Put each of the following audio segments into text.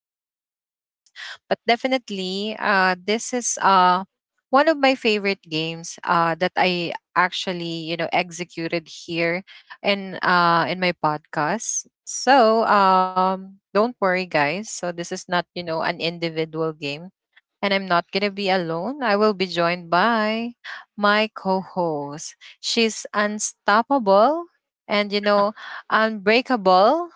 playing games. But definitely, this is. One of my favorite games that I actually you know executed here in my podcast. So don't worry, guys. So this is not you know an individual game, and I'm not gonna be alone. I will be joined by my co-host. She's unstoppable and you know unbreakable,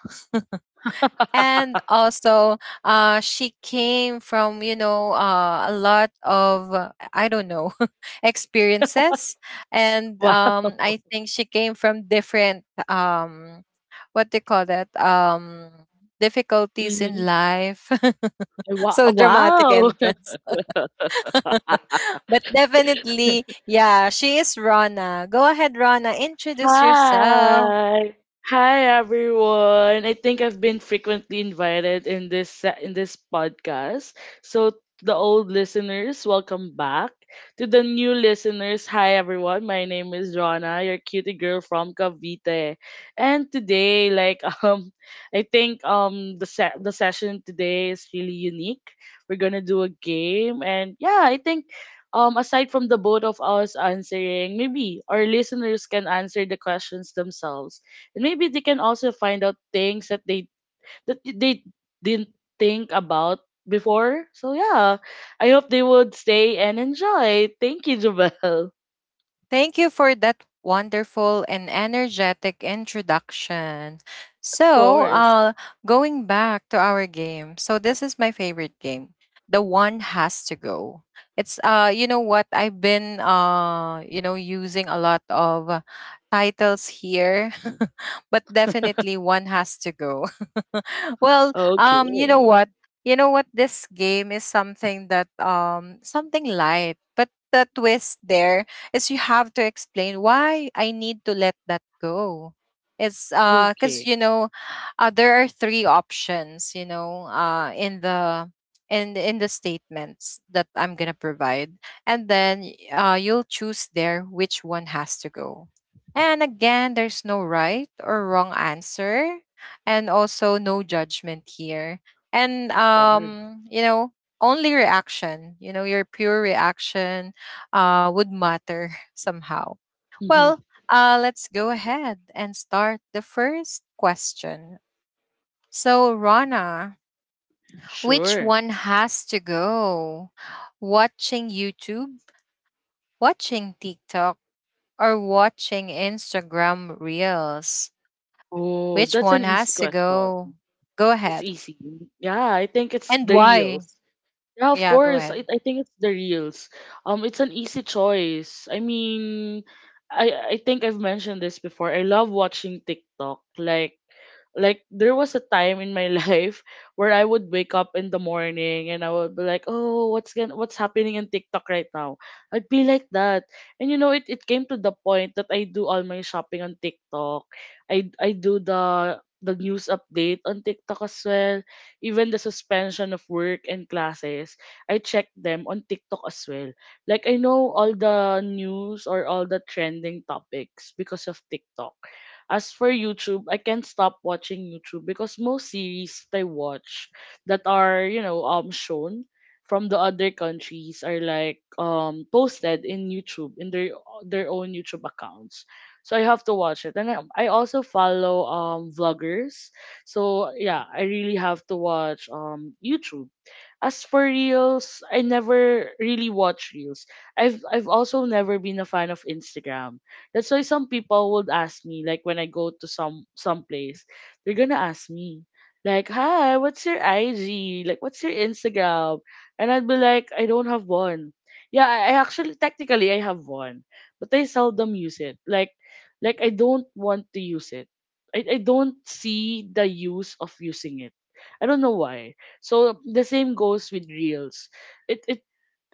and also she came from you know a lot of I don't know experiences, and Wow. I think she came from different what they call that difficulties in Mhm. life. Wow. So dramatic Wow. entrance. But definitely, yeah, she is Rana. Go ahead, Rana, introduce yourself. Hi. Hi everyone. I think I've been frequently invited in in this podcast. So to the old listeners, welcome back. To the new listeners, hi everyone. My name is Rana, your cutie girl from Cavite. And today, like I think the session today is really unique. We're going to do a game and yeah, I think aside from the both of us answering, maybe our listeners can answer the questions themselves, and maybe they can also find out things that they didn't think about before. So yeah, I hope they would stay and enjoy. Thank you, Jabel. Thank you for that wonderful and energetic introduction. Of So, course. Going back to our game. So, this is my favorite game. The one has to go. It's you know what? I've been you know, using a lot of titles here, but definitely one has to go. Well, you know Okay. what? You know what? This game is something that something light, but the twist there is you have to explain why I need to let that go. It's cuz Okay. you know there are three options, you know, in the in the statements that I'm going to provide, and then you'll choose there which one has to go. And again, there's no right or wrong answer, and also no judgment here. And Of course. You know, only reaction, you know, your pure reaction would matter somehow. Well, Mhm. Let's go ahead and start the first question. So, Rana, which Sure. one has to go? Watching YouTube, watching TikTok, or watching Instagram Reels? Oh, Which that's an one easy has to question. go? Go It's ahead. easy. Yeah, I think it's And the why? reels. Yeah, of Yeah, go course. ahead. I think it's the reels. It's an easy choice. I mean, I I think I've mentioned this before. I love watching TikTok. Like there was a time in my life where I would wake up in the morning and I would be like, "Oh, what's happening in TikTok right now?" I'd be like that. And you know, it came to the point that I do all my shopping on TikTok. I do the news update on TikTok as well, even the suspension of work and classes. I check them on TikTok as well. Like I know all the news or all the trending topics because of TikTok. As for YouTube, I can't stop watching YouTube because most series that I watch that are, you know, shown from the other countries are like posted in YouTube in their own YouTube accounts. So I have to watch it. And I also follow vloggers. So yeah, I really have to watch YouTube. As for reels, I never really watch reels. I've also never been a fan of Instagram, that's why some people would ask me, like when I go to some place, they're gonna ask me, like, "Hi, what's your IG? Like, what's your Instagram?" And I'd be like, "I don't have one." Yeah, I actually technically I have one, but I seldom use it. Like I don't want to use it. I don't see the use of using it. I don't know why. So the same goes with reels. It it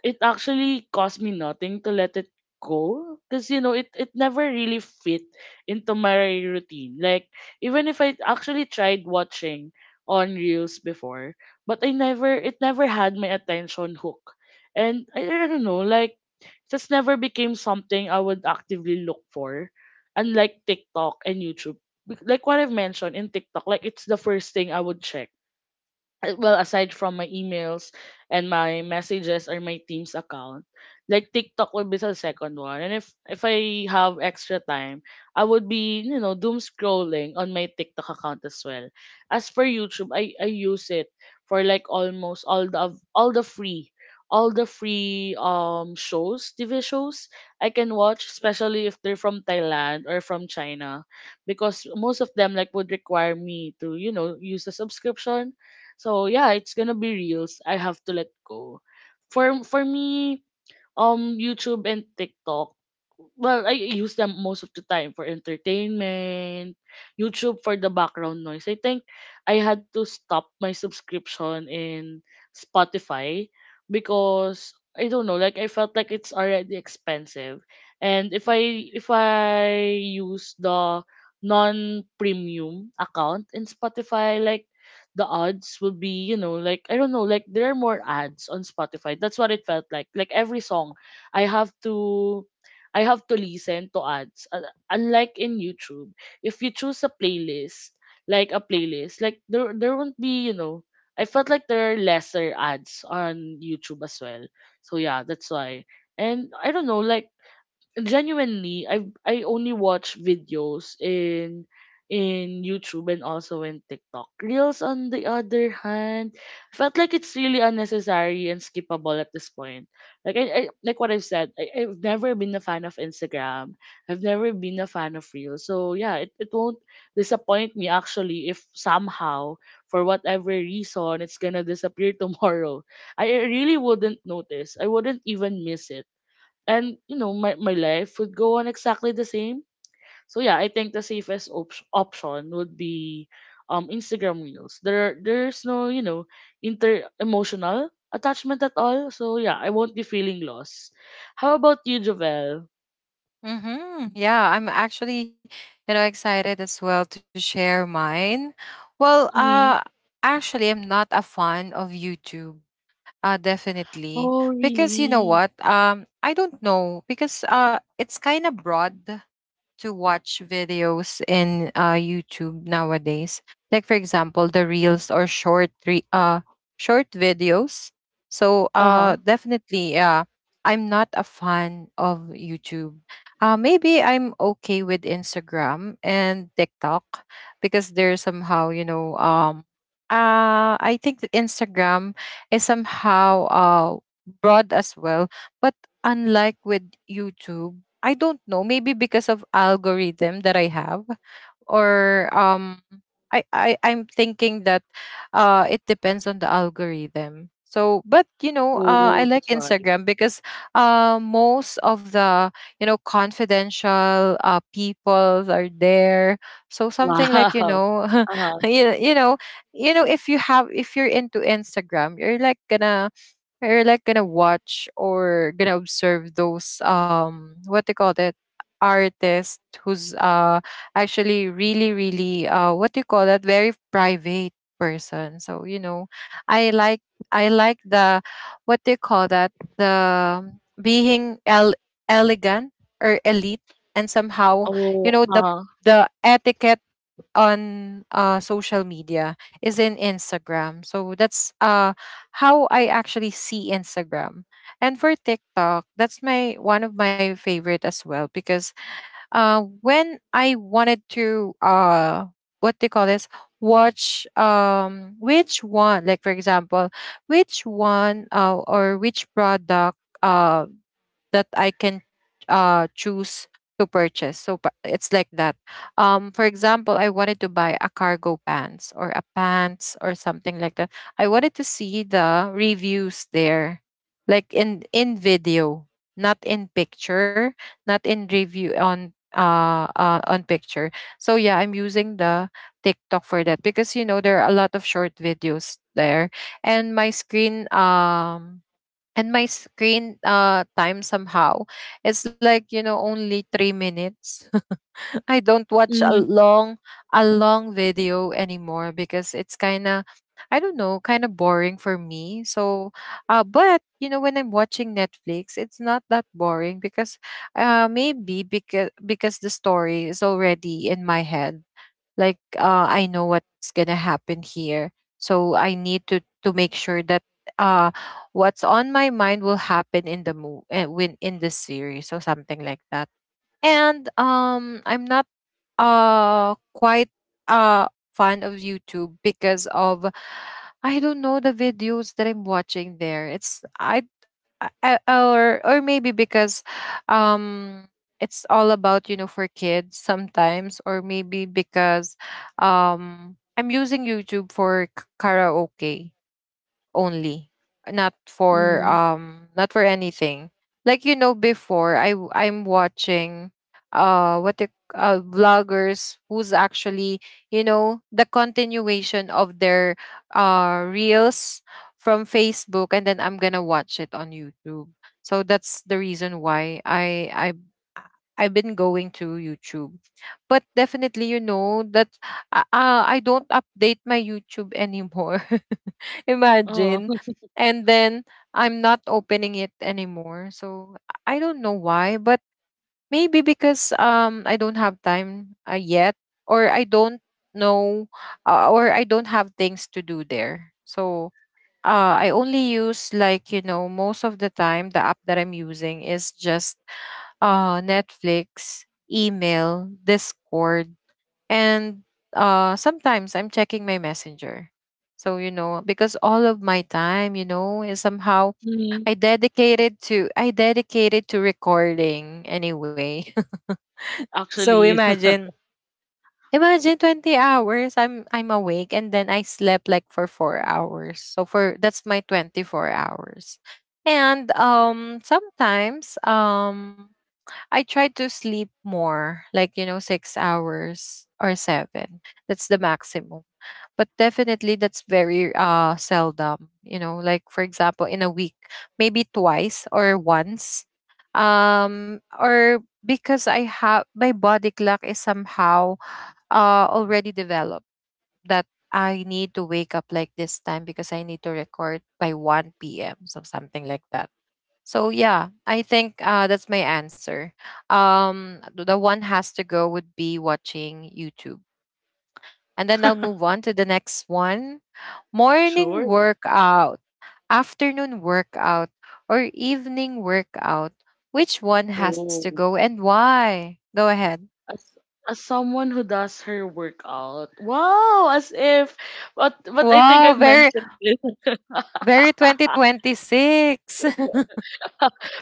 it actually cost me nothing to let it go because you know it never really fit into my routine, like even if I actually tried watching on reels before, but I never it never had my attention hook, and I don't know, like just never became something I would actively look for, unlike tiktok and youtube. Like what I've mentioned in tiktok, like it's the first thing I would check, well aside from my emails and my messages or my team's account. Like tiktok would be the second one, and if I have extra time, I would be, you know, doom scrolling on my tiktok account as well. As for youtube, i use it for like almost all the av- all the free, all the free shows, tv shows I can watch, especially if they're from thailand or from china, because most of them like would require me to, you know, use a subscription. So yeah, it's gonna be reels. I have to let go. For me, YouTube and TikTok. Well, I use them most of the time for entertainment. YouTube for the background noise. I think I had to stop my subscription in Spotify because I don't know, like I felt like it's already expensive. And if I use the non-premium account in Spotify, like the odds will be, you know, like I don't know, like there are more ads on Spotify. That's what it felt like. Like every song, I have to I have to listen to ads. Unlike in YouTube, if you choose a playlist, like there won't be, you know, I felt like there are lesser ads on YouTube as well. So yeah, that's why. And I don't know, like genuinely I only watch videos in YouTube and also in TikTok. Reels on the other hand felt like it's really unnecessary and skippable at this point. Like I like what I've said, I've never been a fan of Instagram. I've never been a fan of Reels. So yeah, it won't disappoint me actually if somehow for whatever reason it's gonna disappear tomorrow. I really wouldn't notice. I wouldn't even miss it, and you know my life would go on exactly the same. So yeah, I think the safest option would be instagram reels. There's no, you know, inter emotional attachment at all, so yeah I won't be feeling lost. How about you, jovel? Mm-hmm. Yeah, I'm actually, you know, excited as well to share mine. Well, Mm-hmm. Actually, I'm not a fan of YouTube. Definitely, Oh because you know really? what? I don't know because it's kind of broad to watch videos in YouTube nowadays. Like for example, the reels or short videos. So Uh-huh. Definitely, yeah, I'm not a fan of YouTube. Maybe I'm okay with Instagram and TikTok because they're somehow, you know, I think that Instagram is somehow broad as well, but unlike with YouTube, I don't know, maybe because of algorithm that I have, or I I'm thinking that it depends on the algorithm. So but you know, I Oh, like that's why. Instagram because most of the, you know, confidential people are there. So something like, you Wow. know, Uh-huh. you, you know, you know if you have, if you're into Instagram, you're like gonna, we're like gonna watch or gonna observe those what they call that artist who's actually really really what do you call that, very private person. So you know, i like I like the what they call that, the being el- elegant or elite, and somehow you Oh. know Uh-huh. the etiquette on social media is in Instagram. So that's how I actually see Instagram. And for TikTok, that's my one of my favorite as well because when I wanted to what they call this, watch which one, like for example which one or which product um that I can choose to purchase. So it's like that. For example, I wanted to buy a cargo pants or a pants or something like that. I wanted to see the reviews there, like in video, not in picture, not in review on picture. So yeah, I'm using the TikTok for that because you know there are a lot of short videos there, and my screen um and my screen time somehow it's like you know only 3 minutes. I don't watch Mm-hmm. A long video anymore because it's kind of, I don't know, kind of boring for me. So but you know when I'm watching Netflix, it's not that boring because maybe because the story is already in my head, like I know what's gonna happen here. So I need to make sure that uh what's on my mind will happen in the move win in the series or something like that. And I'm not quite fan of YouTube because of, I don't know, the videos that I'm watching there. It's, or maybe because um it's all about you know for kids sometimes, or maybe because I'm using YouTube for karaoke only, not for Mm-hmm. Not for anything. Like you know before I'm watching what the vloggers who's actually you know the continuation of their reels from Facebook, and then I'm gonna watch it on YouTube. So that's the reason why I've been going to YouTube. But definitely, you know that I don't update my YouTube anymore. Oh. Imagine. And then I'm not opening it anymore. So I don't know why, but maybe because I don't have time yet, or I don't know, or I don't have things to do there. So I only use, like you know, most of the time the app that I'm using is just Netflix, email, Discord, and sometimes I'm checking my messenger. So, you know, because all of my time, you know, is somehow Mm-hmm. I dedicated to recording anyway. So Actually. Imagine 20 hours I'm awake, and then I slept like for 4 hours. So for that's my 24 hours. And sometimes I try to sleep more, like, you know, 6 hours or seven. That's the maximum. But definitely that's very seldom, you know, like for example, in a week, maybe twice or once. Or because I have, my body clock is somehow already developed that I need to wake up like this time because I need to record by 1 p.m. So something like that. So yeah, I think that's my answer. The one has to go would be watching YouTube, and then I'll move on to the next one: morning Sure. workout, afternoon workout, or evening workout. Which one has to Oh. go and why? Go ahead. As as someone who does her workout. Wow, as if. But I think I've Wow, mentioned very this. very twenty twenty six.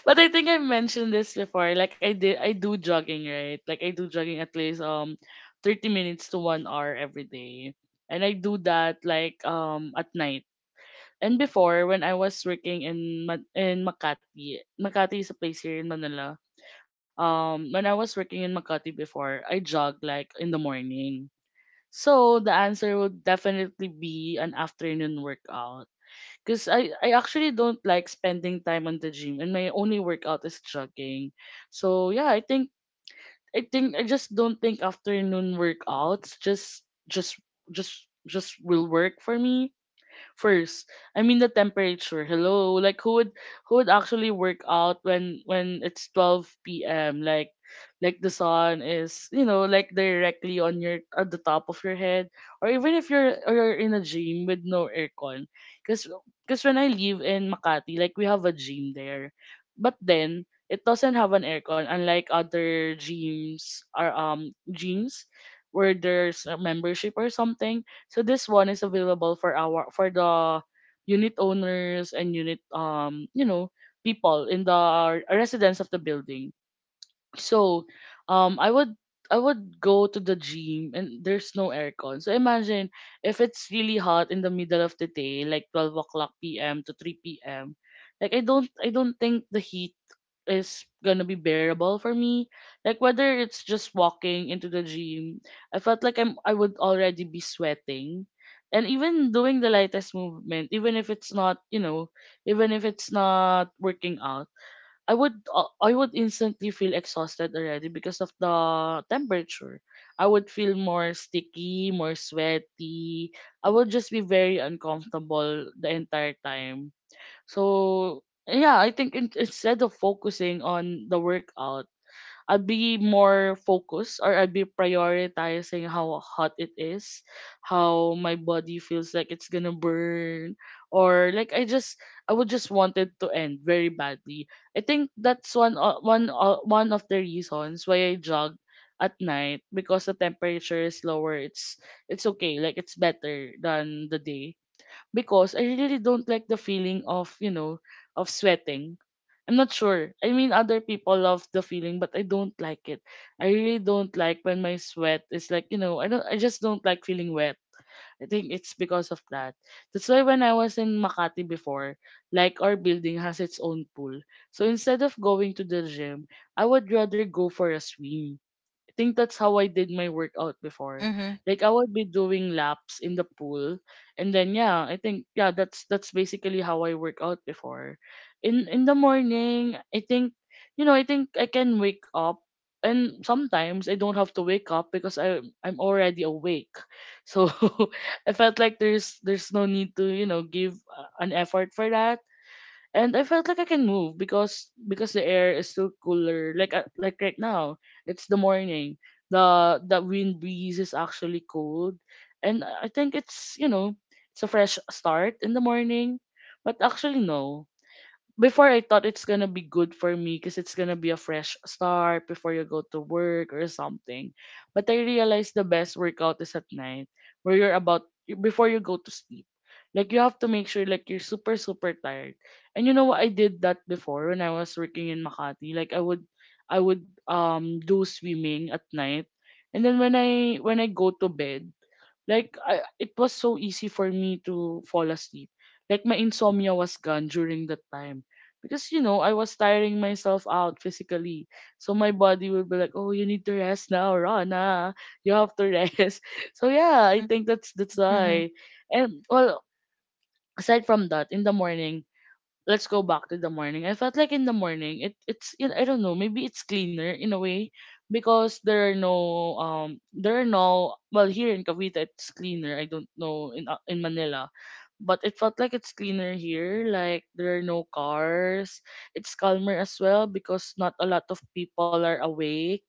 But I think I've mentioned this before. Like I do jogging, right? Like I do jogging at least 30 minutes to 1 hour every day. And I do that like at night. And before when I was working in in Makati. Makati is a place here in Manila. Um, when I was working in Makati before, I jog like in the morning. So the answer would definitely be an afternoon workout. Because I actually don't like spending time on the gym and my only workout is jogging. So yeah, I think I just don't think afternoon workouts just just will work for me first. I mean the temperature. Hello, like who would actually work out when it's 12 p.m. Like the sun is, you know, like directly on your at the top of your head, or even if you're in a gym with no aircon, because when I live in Makati, like we have a gym there, but then it doesn't have an aircon unlike other gyms or gyms where there's a membership or something. So this one is available for our for the unit owners and unit you know, people in the residents of the building. So I would, I would go to the gym and there's no aircon. So imagine if it's really hot in the middle of the day, like 12 o'clock p.m. to 3 p.m. Like I don't think the heat is gonna be bearable for me. Like whether it's just walking into the gym, I felt like I would already be sweating. And even doing the lightest movement, even if it's not, you know, even if it's not working out, I would instantly feel exhausted already because of the temperature. I would feel more sticky, more sweaty. I would just be very uncomfortable the entire time. So yeah, I think in, instead of focusing on the workout, I'd be more focused or I'd be prioritizing how hot it is, how my body feels like it's gonna burn, or like I would just want it to end very badly. I think that's one of the reasons why I jog at night because the temperature is lower. It's okay, like it's better than the day because I really don't like the feeling of, you know, of sweating. I'm not sure. I mean, other people love the feeling, but I don't like it. I really don't like when my sweat is like, you know, I just don't like feeling wet. I think it's because of that. That's why when I was in Makati before, like our building has its own pool. So instead of going to the gym, I would rather go for a swim. I think that's how I did my workout before. Like Mhm. I would be doing laps in the pool, and then yeah, I think yeah, that's basically how I work out before. In the morning, I think you know I think I can wake up, and sometimes I don't have to wake up because I'm already awake. So I felt like there's no need to, you know, give an effort for that, and I felt like I can move because the air is still cooler. Like right now, it's the morning. The wind breeze is actually cold, and I think it's you know it's a fresh start in the morning. But actually no, before I thought it's gonna be good for me because it's gonna be a fresh start before you go to work or something. But I realized the best workout is at night where you're about before you go to sleep. Like you have to make sure like you're super super tired. And you know what I did that before when I was working in Makati. Like I would do swimming at night. And then when I go to bed, it was so easy for me to fall asleep. Like my insomnia was gone during that time. I was tiring myself out physically. So my body would be like, "Oh, you need to rest now, Rana. You have to rest." So yeah, I think that's why. Mhm. And well, aside from that, in the morning, let's go back to the morning. I felt like in the morning it it's you know, I don't know, maybe it's cleaner in a way because there are no well here in Cavite it's cleaner. I don't know in Manila. But it felt like it's cleaner here, like there are no cars. It's calmer as well because not a lot of people are awake.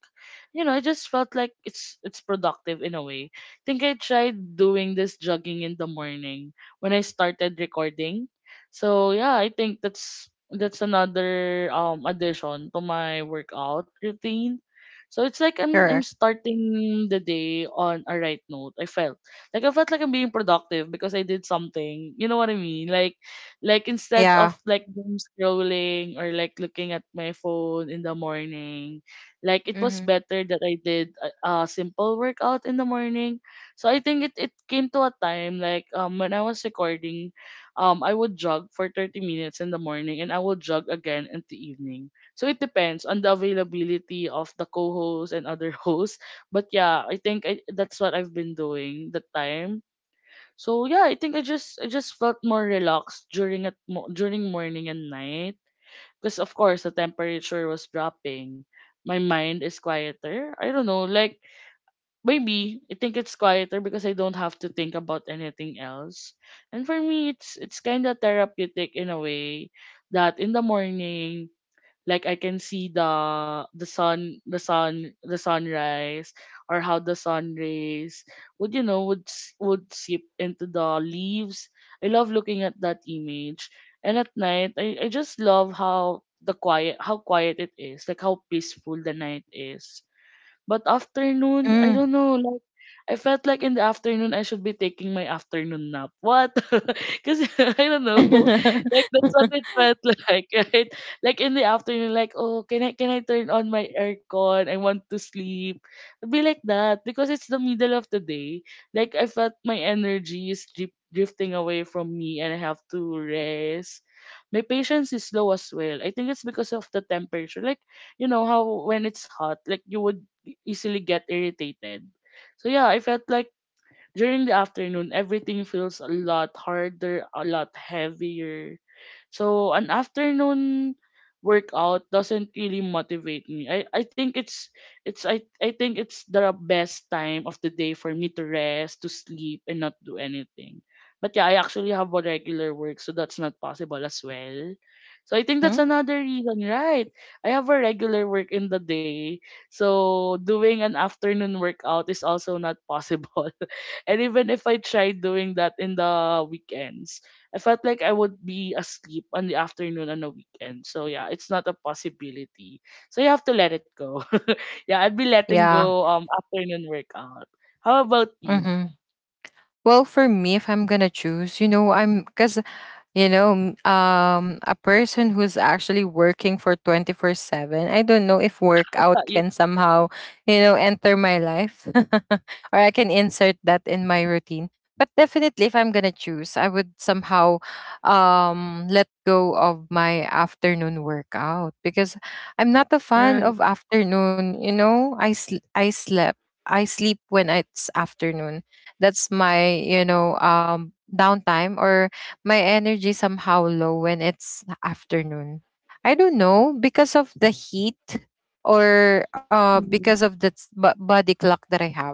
You know, I just felt like it's productive in a way. I think I tried doing this jogging in the morning when I started recording so yeah, I think that's another addition to my workout routine. So it's like I'm Correct. starting the day on a right note. I felt like I'm being productive because I did something. You know what I mean? Like instead of Yeah. like doom scrolling or like looking at my phone in the morning, like it was Mhm. better that I did a simple workout in the morning. So I think it came to a time when I was recording I would jog for 30 minutes in the morning and I will jog again in the evening. So it depends on the availability of the co-host and other hosts. But yeah, I think that's what I've been doing that time. So yeah, I think I just felt more relaxed during during morning and night because of course the temperature was dropping. My mind is quieter. I don't know, like maybe I think it's quieter because I don't have to think about anything else. And for me, it's kind of therapeutic in a way that in the morning, like I can see the the sunrise, or how the sun rays would would would seep into the leaves. I love looking at that image. And at night, I just love how quiet it is, like how peaceful the night is but afternoon, I Mm. don't know, like I felt like in the afternoon I should be taking my afternoon nap. What? Because I don't know, like that's what it felt like, right? Like in the afternoon, like oh, can I turn on my aircon? I want to sleep. It'd be like that because it's the middle of the day. Like I felt my energy is drifting away from me, and I have to rest. My patience is low as well. I think it's because of the temperature. Like you know how when it's hot, like you would easily get irritated. So yeah, I felt like during the afternoon, everything feels a lot harder, a lot heavier, so an afternoon workout doesn't really motivate me. I think I think it's the best time of the day for me to rest, to sleep and not do anything. But yeah, I actually have a regular work, so that's not possible as well. So I think that's Mhm. another reason, right? I have a regular work in the day. So doing an afternoon workout is also not possible. And even if I try doing that in the weekends, I felt like I would be asleep on the afternoon on a weekend. So yeah, it's not a possibility. So you have to let it go. Yeah, I'd be letting Yeah. go afternoon workout. How about you? Mm-hmm. Well, for me, if I'm gonna choose, you know, I'm, because you know a person who's actually working for 24/7, I don't know if workout You- can somehow you know enter my life or I can insert that in my routine. But definitely, if I'm going to choose, I would somehow let go of my afternoon workout because I'm not a fan Right. of afternoon. You know, I sl- I slept I sleep when it's afternoon. That's my you know downtime, or my energy somehow low when it's afternoon. I don't know because of the heat, or Mhm. because of the body clock that I have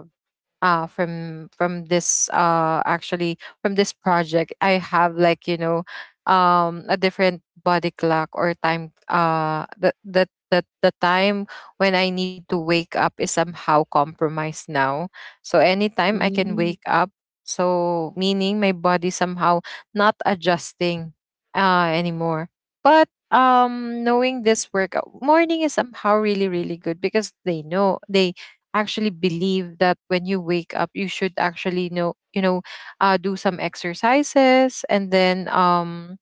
from this actually from this project. I have like you know a different body clock or time that the time when I need to wake up is somehow compromised now. So anytime I can Mm. wake up, so meaning my body somehow not adjusting anymore. But knowing this, workout morning is somehow really really good because they know, they actually believe that when you wake up, you should actually know, you know, do some exercises, and then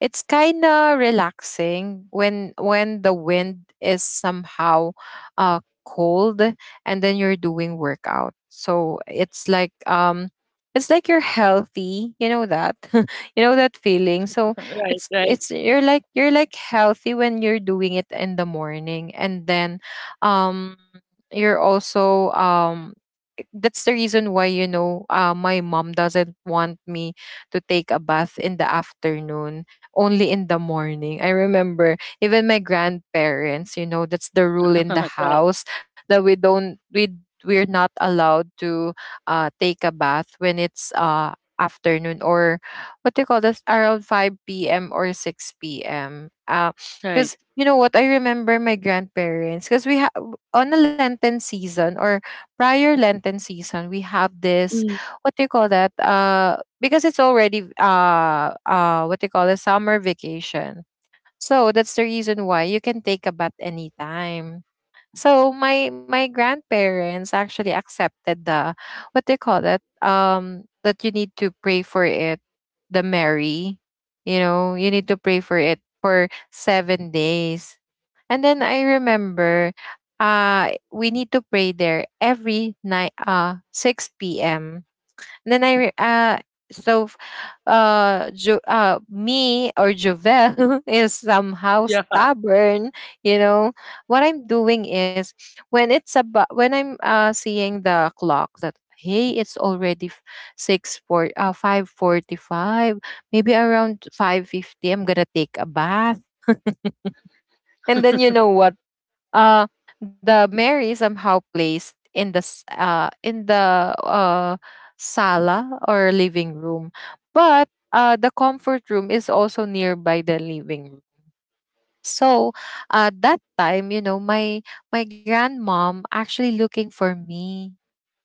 it's kind of relaxing when the wind is somehow cold and then you're doing workout. So it's like you're healthy, you know that you know that feeling. So Right, right. it's you're like healthy when you're doing it in the morning, and then um you're also that's the reason why you know my mom doesn't want me to take a bath in the afternoon, only in the morning. I remember even my grandparents, you know, that's the rule in the Right, house that we don't we we're not allowed to take a bath when it's afternoon, or what do you call this, around 5 p.m. or 6 p.m. Right. Because you know what, I remember my grandparents, because we have on the Lenten season or prior Lenten season, we have this Mm. what do you call that? Because it's already what they call a summer vacation. So that's the reason why you can take a bath anytime. So my grandparents actually accepted the what they call that, that you need to pray for it, the Mary. You know, you need to pray for it for 7 days. And then I remember, we need to pray there every night, uh, 6 p.m. And then I re- so f- jo- me or Jovel is somehow Yeah. stubborn, you know. What I'm doing is, when it's about, when I'm seeing the clock that, hey, it's already f- six for 5:45, maybe around 5:50, I'm gonna take a bath. And then, you know what, uh the Mary somehow placed in the sala or living room, but the comfort room is also nearby the living room. So that time, you know, my grandmom actually looking for me,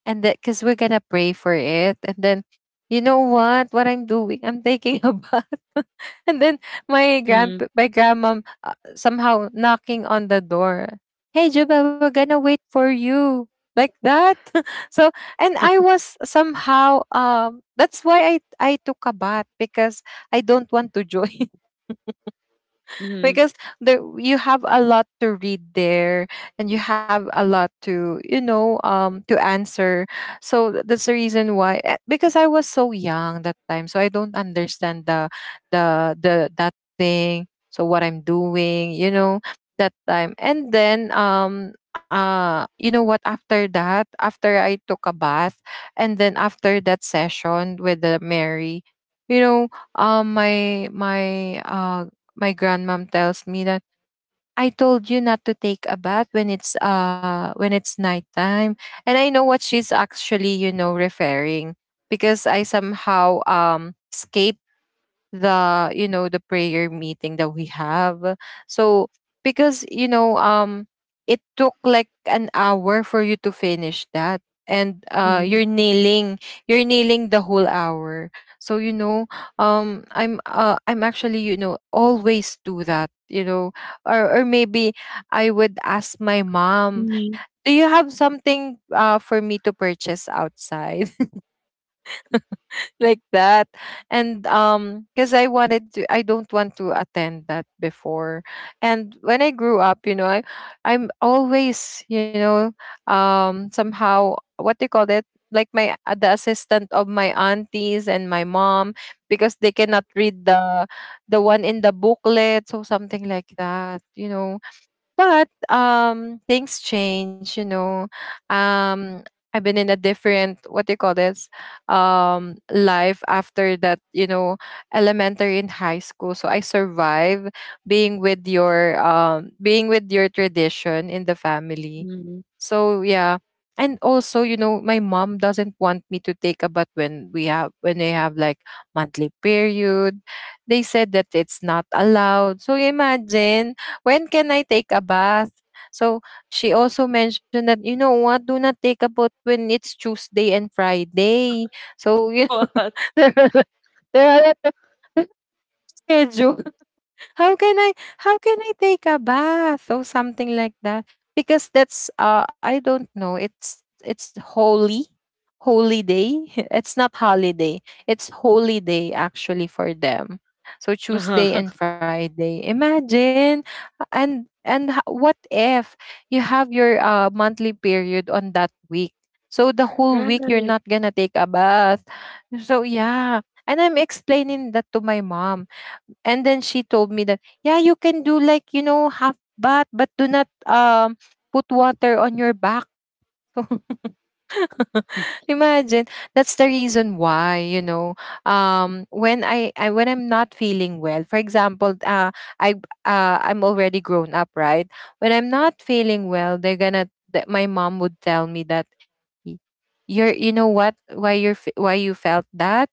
and that because we're gonna pray for it. And then you know what I'm doing, I'm taking a bath. And then my grand, Mm. my grandmom, somehow knocking on the door, hey Juba, we're gonna wait for you, like that. So and I was somehow, that's why I took a bath, because I don't want to join, Mm. because the, you have a lot to read there, and you have a lot to, you know, to answer. So that's the reason why, because I was so young that time, so I don't understand the that thing. So what I'm doing, you know, that time. And then you know what, after that, after I took a bath, and then after that session with the Mary, you know, um my my uh my grandmom tells me that, I told you not to take a bath when it's, uh, when it's nighttime. And I know what she's actually, you know, referring, because I somehow escaped the, you know, the prayer meeting that we have. So because you know, it took like an hour for you to finish that. And uh, Mm. you're nailing, you're nailing the whole hour. So you know, I'm actually, you know, always do that, you know. Or maybe I would ask my mom, Mm. do you have something for me to purchase outside? Like that. And because I wanted to, I don't want to attend that before. And when I grew up, you know, I, I'm always, you know, somehow, what do you call it, like my, the assistant of my aunties and my mom, because they cannot read the one in the booklet, so something like that, you know. But things change, you know. Um I've been in a different, what do you call this, life after that, you know, elementary and high school. So I survive being with your tradition in the family. Mm. So yeah. And also, you know, my mom doesn't want me to take a bath when we have, when they have like monthly period. They said that it's not allowed. So imagine, when can I take a bath? So she also mentioned that, you know what, do not take a bath when it's Tuesday and Friday. So you know, What? there are, there are a lot of schedules, how can I, how can I take a bath or something like that? Because that's uh, I don't know, it's holy, holy day. It's not holiday. It's holy day actually for them. So Tuesday and Friday. Imagine, and what if you have your, monthly period on that week? So the whole Right, week you're right. not gonna take a bath. So yeah. And I'm explaining that to my mom, and then she told me that, yeah, you can do like, you know, half bath, but do not put water on your back. Imagine. That's the reason why, you know, when I when I'm not feeling well, for example, I I'm already grown up, right? When I'm not feeling well, they're gonna, that my mom would tell me that, you're, you know what, why you're why you felt that,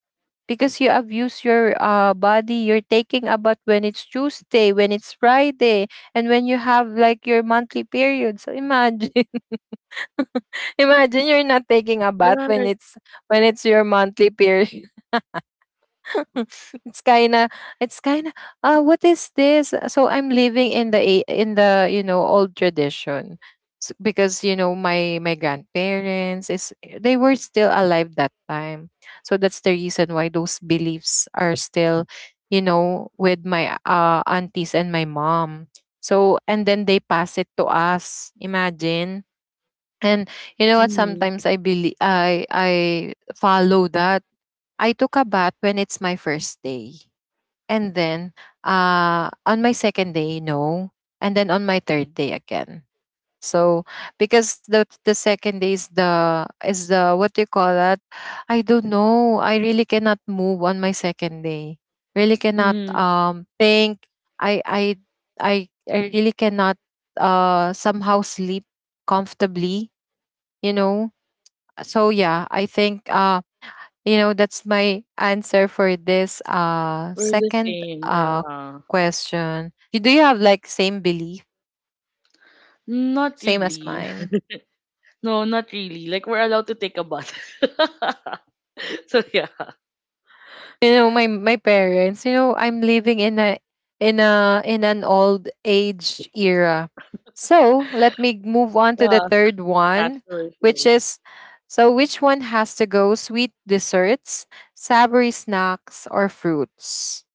because you abuse your, body, you're taking a bath when it's Tuesday, when it's Friday, and when you have like your monthly period. So imagine, imagine you're not taking a bath when it's, when it's your monthly period. It's kind of, it's kind of, what is this, so I'm living in the in the, you know, old tradition. Because you know my my grandparents is, they were still alive that time, so that's the reason why those beliefs are still, you know, with my aunties and my mom. So and then they pass it to us, imagine. And you know what, Mm. sometimes I believe, I follow that. I took a bath when it's my first day. And then, on my second day, no. And then on my third day again. So because the second day is the, is the, what do you call that? I don't know. I really cannot move on my second day. Really cannot Mm. Think. I I I really cannot somehow sleep comfortably, you know. So yeah, I think, you know, that's my answer for this We're the second same, yeah. question. You, do you have like same belief, Not same as really. mine? No, not really. Like we're allowed to take a bath. So yeah. You know, my parents, you know, I'm living in a, in a, in an old age era. So, let me move on to the Yeah, third yeah, one, sure, which sure. is, so which one has to go, sweet desserts, savory snacks or fruits?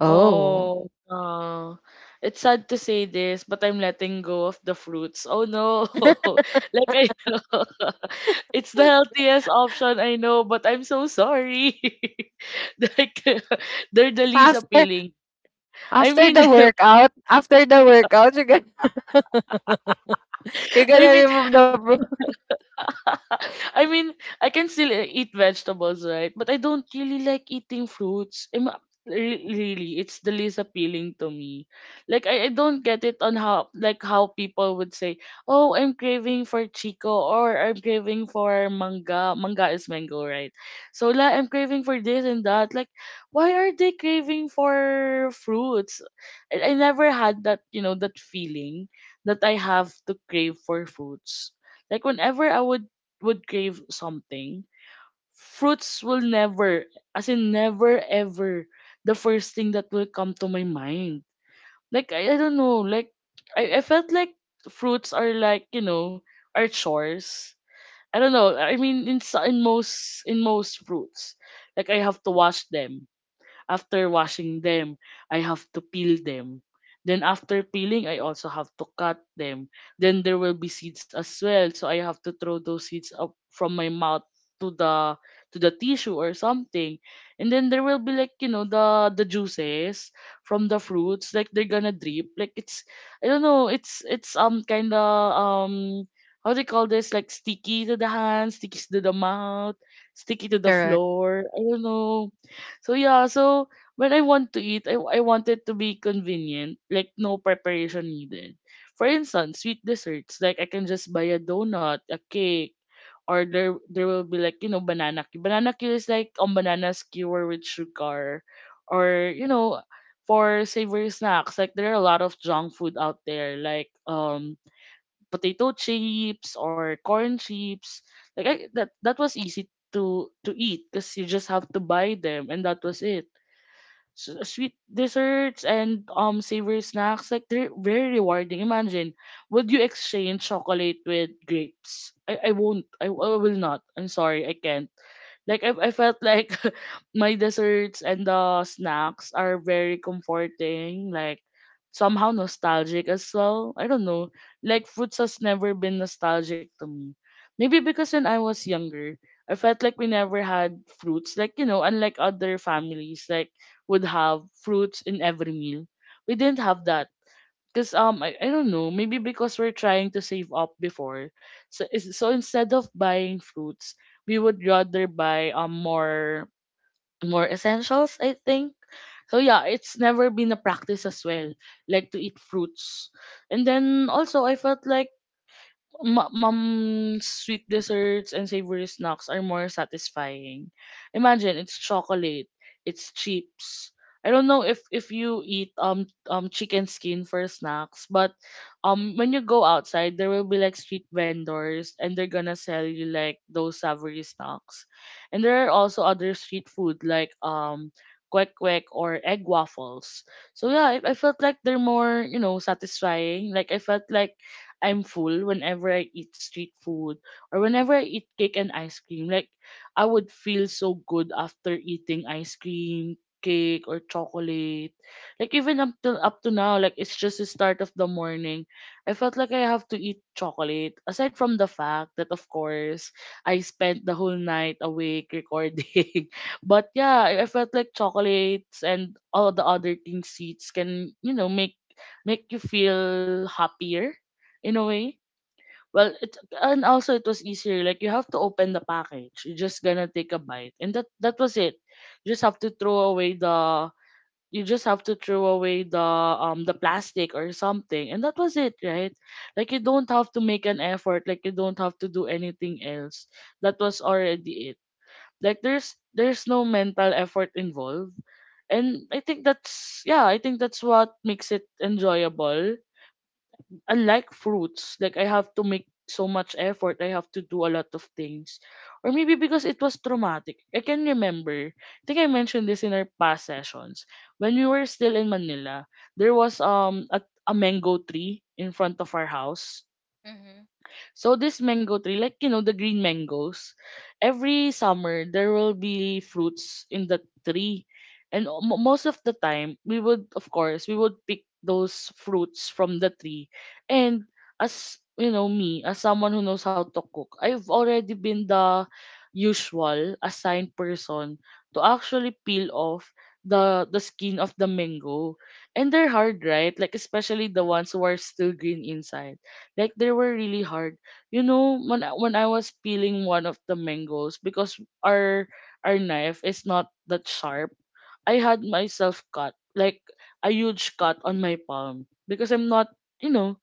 Oh. Oh, it's sad to say this, but I'm letting go of the fruits. Oh no. Like I it's the healthiest option I know, but I'm so sorry. Like they're the least After, appealing. I after mean the workout, after the workout, you're gonna you're I gonna mean remove the I mean, I can still eat vegetables, right? But I don't really like eating fruits. Really, it's the least appealing to me. Like I don't get it on how people would say, "Oh, I'm craving for chico," or "I'm craving for manga." Manga is mango, right? So like, I'm craving for this and that. Like, why are they craving for fruits? I never had that, you know, that feeling that I have to crave for fruits. Like whenever I would crave something, fruits will never, as in never ever, the first thing that will come to my mind. Like, I don't know, like, I felt like fruits are like, you know, are chores. I don't know. I mean, in most fruits, like I have to wash them. After washing them, I have to peel them. Then after peeling, I also have to cut them. Then there will be seeds as well, so I have to throw those seeds up from my mouth to the to the tissue or something. And then there will be like, you know, the juices from the fruits, like they're gonna drip. Like it's I don't know, it's kinda um how do you call this? Like sticky to the hand, sticky to the mouth, sticky to the correct. floor. I don't know. So yeah, so when I want to eat, I want it to be convenient, like no preparation needed. For instance, sweet desserts, like I can just buy a donut, a cake, or there will be like, you know, banana cue. Banana cue is like a banana skewer with sugar. Or, you know, for savory snacks, like there are a lot of junk food out there, like potato chips or corn chips. That that was easy to eat because you just have to buy them and that was it. S sweet desserts and savory snacks like they're very rewarding. Imagine would you exchange chocolate with grapes? I won't. I will not. I'm sorry, I can't. Like I felt like my desserts and the snacks are very comforting, like somehow nostalgic as well. I don't know. Like foods has never been nostalgic to me. Maybe because when I was younger, I felt like we never had fruits. Like, you know, unlike other families, like would have fruits in every meal. We didn't have that. Because I don't know, maybe because we're trying to save up before, so instead of buying fruits we would rather buy more essentials I think. So yeah, it's never been a practice as well, like to eat fruits. And then also I felt like mom's sweet desserts and savory snacks are more satisfying. Imagine it's chocolate, it's chips. I don't know if you eat chicken skin for snacks, but when you go outside, there will be like street vendors and they're gonna sell you like those savory snacks. And there are also other street food like kwek kwek or egg waffles. So yeah, I felt like they're more you know satisfying. Like I felt like I'm full whenever I eat street food or whenever I eat cake and ice cream. Like I would feel so good after eating ice cream, cake or chocolate. Like even up to now, like it's just the start of the morning. I felt like I have to eat chocolate. Aside from the fact that of course I spent the whole night awake recording. But yeah, I felt like chocolates and all the other things sweets can, you know, make make you feel happier in a way. Well, it and also it was easier. Like you have to open the package. You're just gonna take a bite, and that was it. You just have to throw away the. You just have to throw away the plastic or something, and that was it, right? Like you don't have to make an effort. Like you don't have to do anything else. That was already it. Like there's no mental effort involved, and I think that's yeah. I think that's what makes it enjoyable unlike fruits, like I have to make so much effort, I have to do a lot of things. Or maybe because it was traumatic. I can remember, I think I mentioned this in our past sessions. When we were still in Manila, there was a mango tree in front of our house. Mm-hmm. So this mango tree, like you know, the green mangoes, every summer there will be fruits in the tree, and most of the time we would, of course, we would pick those fruits from the tree. And as you know, me as someone who knows how to cook, I've already been the usual assigned person to actually peel off the skin of the mango, and they're hard, right? Like especially the ones who are still green inside, like they were really hard. You know, when I was peeling one of the mangoes, because our knife is not that sharp, I had myself cut like a huge cut on my palm, because I'm not, you know,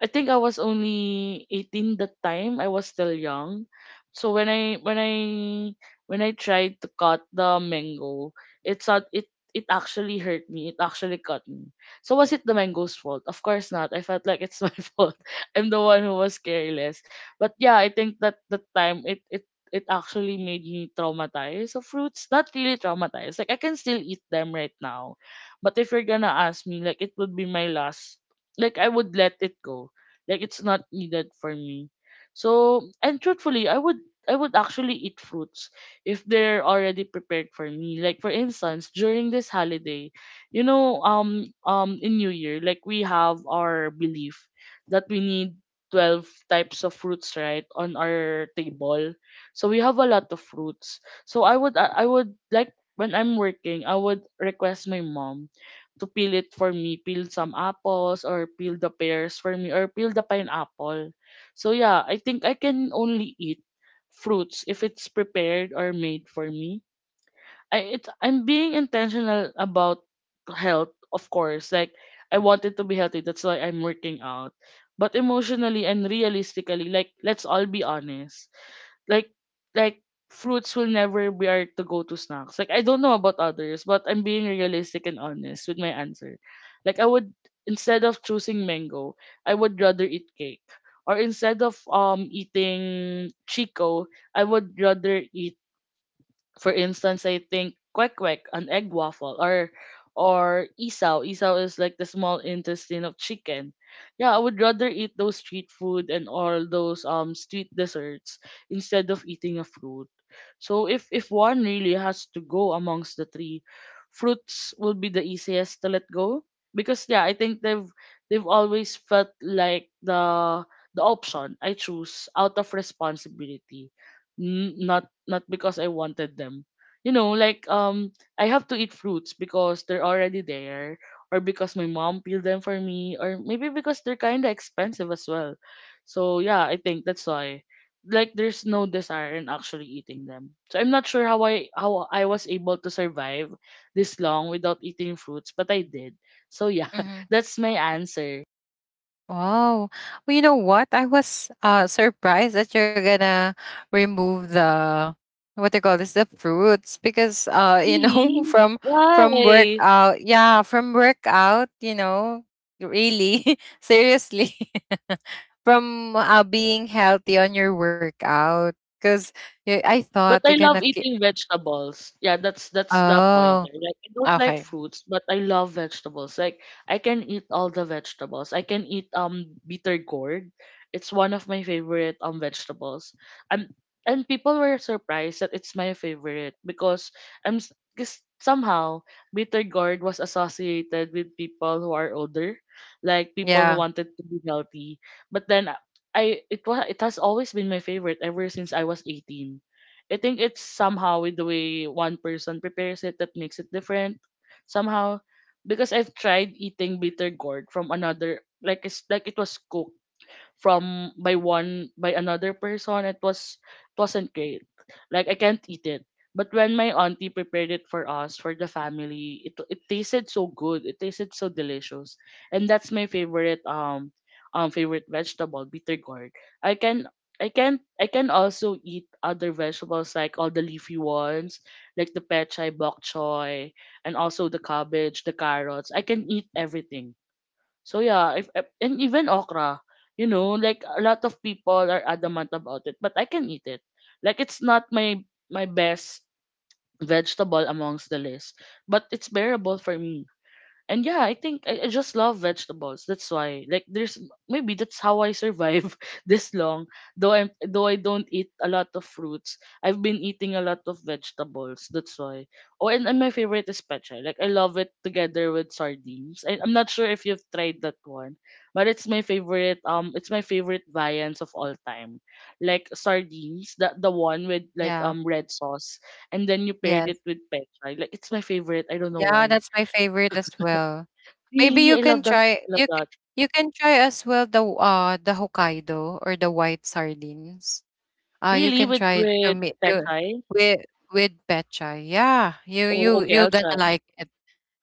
I think I was only 18 that time. I was still young. So when I tried to cut the mango, it's not it it actually hurt me. It actually cut me. So was it the mango's fault? Of course not. I felt like it's my fault. I'm the one who was careless. But yeah, I think that that time it actually made me traumatized of fruits. Not really traumatized. Like I can still eat them right now. But if you're gonna ask me, like it would be my last, like I would let it go, like it's not needed for me. So and truthfully, I would actually eat fruits if they're already prepared for me. Like for instance, during this holiday, you know, in New Year, like we have our belief that we need 12 types of fruits right on our table, so we have a lot of fruits. So I would like, when I'm working, I would request my mom to peel it for me, peel some apples or peel the pears for me or peel the pineapple. So yeah, I think I can only eat fruits if it's prepared or made for me. I'm being intentional about health, of course. Like I wanted to be healthy, that's why I'm working out. But emotionally and realistically, like let's all be honest, like like fruits will never be our to go to snacks. Like I don't know about others, but I'm being realistic and honest with my answer. Like I would, instead of choosing mango, I would rather eat cake. Or instead of eating Chico, I would rather eat, for instance, I think kwek kwek, an egg waffle, or isaw. Isaw is like the small intestine of chicken. Yeah, I would rather eat those street food and all those street desserts instead of eating a fruit. So if one really has to go amongst the three, fruits will be the easiest to let go, because yeah, I think they've always felt like the option I choose out of responsibility, not not because I wanted them. You know, like I have to eat fruits because they're already there or because my mom peeled them for me or maybe because they're kind of expensive as well. So yeah, I think that's why, like there's no desire in actually eating them. So I'm not sure how I was able to survive this long without eating fruits, but I did. So yeah, that's my answer. Wow. Well, you know what? I was surprised that you're gonna remove the, what they call this, the fruits, because uh, you know, Really? from from Why? workout, yeah, from workout, you know, really, seriously, from, being healthy on your workout, because I thought But you're I gonna love eating vegetables. Yeah, that's the point. oh, Eh. Like I don't like okay. fruits, but I love vegetables. Like I can eat all the vegetables. I can eat bitter gourd. It's one of my favorite vegetables. Um and people were surprised that it's my favorite because 'cause somehow bitter gourd was associated with people who are older, like people who Yeah, wanted to be healthy. But then I it was it has always been my favorite ever since I was 18. I think it's somehow with the way one person prepares it that makes it different. Somehow, because I've tried eating bitter gourd from another, like it's like it was cooked from by one by another person. It wasn't great. Like I can't eat it. But when my auntie prepared it for us for the family, it tasted so good. It tasted so delicious, and that's my favorite favorite vegetable, bitter gourd. I can also eat other vegetables like all the leafy ones, like the pechay, bok choy, and also the cabbage, the carrots. I can eat everything. So yeah, if- and even okra, you know, like a lot of people are adamant about it, but I can eat it. Like it's not my best vegetable amongst the list, but it's bearable for me. And yeah, I think I just love vegetables. That's why. Like there's, maybe that's how I survive this long. Though I don't eat a lot of fruits, I've been eating a lot of vegetables. That's why. Oh, and my favorite is pecha. Like I love it together with sardines. I'm not sure if you've tried that one, but it's my favorite viands of all time. Like sardines, the one with like yeah. Red sauce, and then you paired Yes. it with pecha. Like it's my favorite. I don't know Yeah, why. that's my favorite as well. Maybe Really? you I can love that. try, I love you can, that. you can try as well the the Hokkaido or the white sardines. Uh, you Really? can try to With make that to, pechay? with with pecha. Yeah, you Oh, you okay. you're I'll gonna try. like it.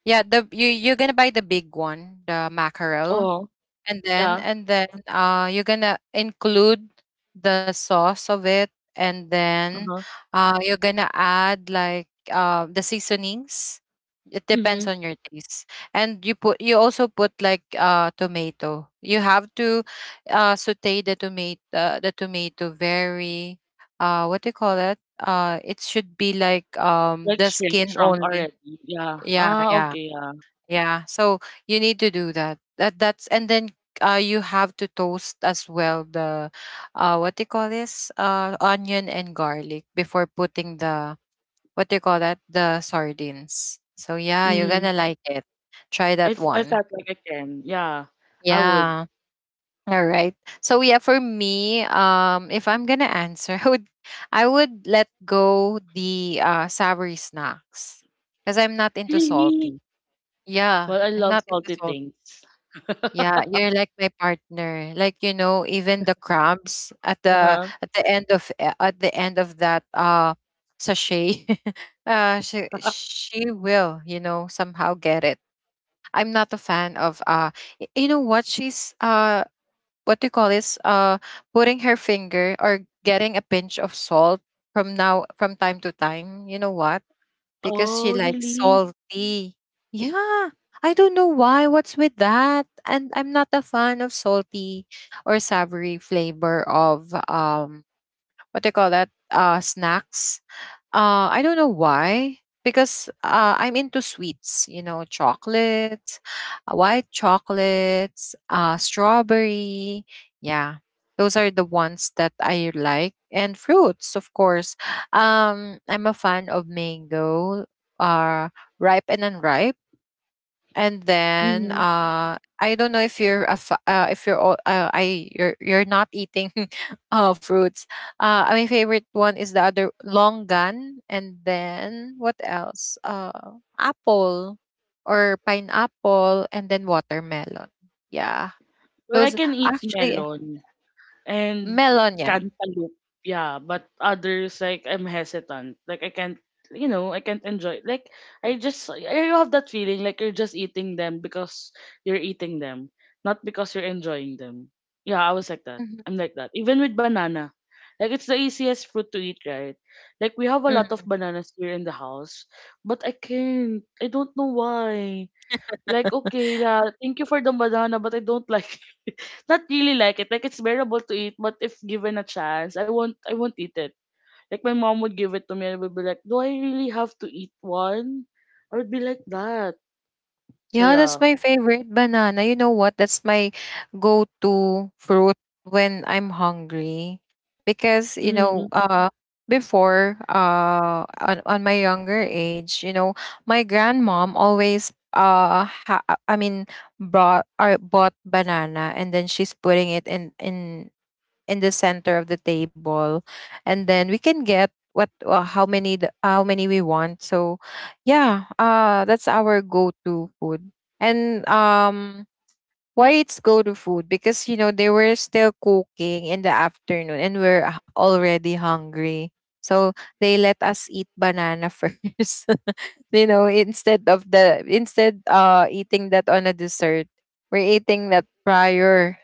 Yeah, the, you you're gonna buy the big one, the mackerel, Oh, and yeah. then, and then you're gonna include the sauce of it, and Uh then huh. You're gonna add like the seasonings, it depends Mhm. on your taste. And you put, you also put like tomato. You have to saute the tomato, the tomato, very what do you call that? Uh, it should be like Like the shrink, skin shrunk only. already. Yeah. Yeah, Ah, yeah. okay. Yeah. Yeah. So you need to do that. That, that's, and then you have to toast as well the what do you call this? Uh, onion and garlic before putting the what do you call that? The sardines. So yeah, you're Mhm. gonna like it. Try that I one. felt like I can. Yeah. I would. Yeah. All right. So yeah, for me, if I'm gonna answer, I would, I would let go the savory snacks. Because I'm not into Really? salty. Yeah. Well, I I'm love not into salty salty. things. Yeah, you're like my partner. Like you know, even the crumbs at Uh the, huh. at the end of, at the end of that sachet, she she will, you know, somehow get it. I'm not a fan of you know what, she's, what do you call this, putting her finger or getting a pinch of salt from now, from time to time. You know what? Because Oh, she likes really? salty. Yeah. I don't know why. What's with that? And I'm not a fan of salty or savory flavor of what do you call that? Uh, snacks. I don't know why, because I'm into sweets, you know, chocolates, white chocolates, strawberry. Yeah, those are the ones that I like. And fruits, of course. I'm a fan of mango, uh, ripe and unripe. And then Mhm. uh, I don't know if you're a if you're all, I you're not eating fruits. Uh, my favorite one is the other longan, and then what else, apple, or pineapple, and then watermelon. Yeah, Well, I those can eat actually. melon and Melon, yeah. cantaloupe. Yeah, but others, like I'm hesitant. Like I can't, you know, I can't enjoy. Like I have that feeling like you're just eating them because you're eating them, not because you're enjoying them. Yeah, I was like that. Mhm. I'm like that. Even with banana. Like it's the easiest fruit to eat, right? Like we have a lot of bananas here in the house, but I can't. I don't know why. Like okay, la, thank you for the banana, but I don't like, not really like it. Like it's bearable to eat, but if given a chance, I won't eat it. Like my mom would give it to me and I would be like, do I really have to eat one? I would be like that. So Yeah, that's yeah. my favorite banana. You know what? That's my go-to fruit when I'm hungry because, Mm. On my younger age, you know, my grandmom always brought or bought banana, and then she's putting it in in the center of the table, and then we can get what how many the, how many we want. So yeah, that's our go-to food. And why it's go-to food? Because, you know, they were still cooking in the afternoon and we're already hungry, so they let us eat banana first. You know, instead of the instead eating that on a dessert, we're eating that prior,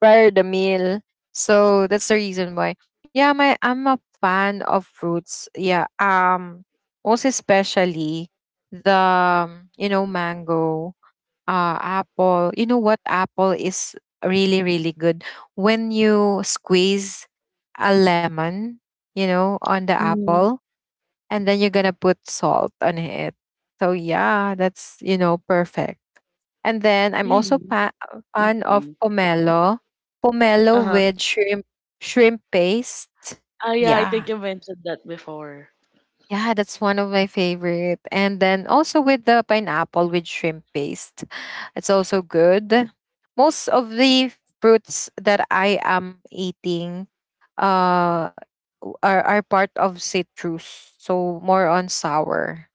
prior the meal. So that's the reason why. Yeah, my I'm a fan of fruits. Yeah. Most especially the you know, mango, apple. You know what? Apple is really really good when you squeeze a lemon, you know, on the Mm. apple and then you're going to put salt on it. So yeah, that's, you know, perfect. And then I'm also Really? Fan of Okay. pomelo. Pomelo Uh-huh. with shrimp paste. Ah yeah, I Yeah. think you mentioned that before. Yeah, that's one of my favorite. And then also with the pineapple with shrimp paste. It's also good. Most of the fruits that I am eating uh are part of citrus. So more on sour.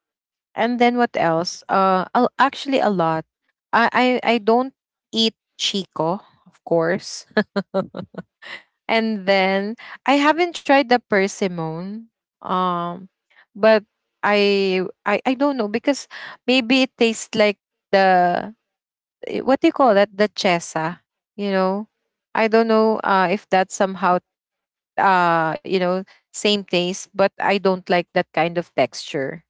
And then what else? I actually a lot. I, I don't eat chico, of course. And then I haven't tried the persimmon. Um, but I don't know because maybe it tastes like the what do you call that? The chesa, you know. I don't know if that's somehow you know same taste, but I don't like that kind of texture.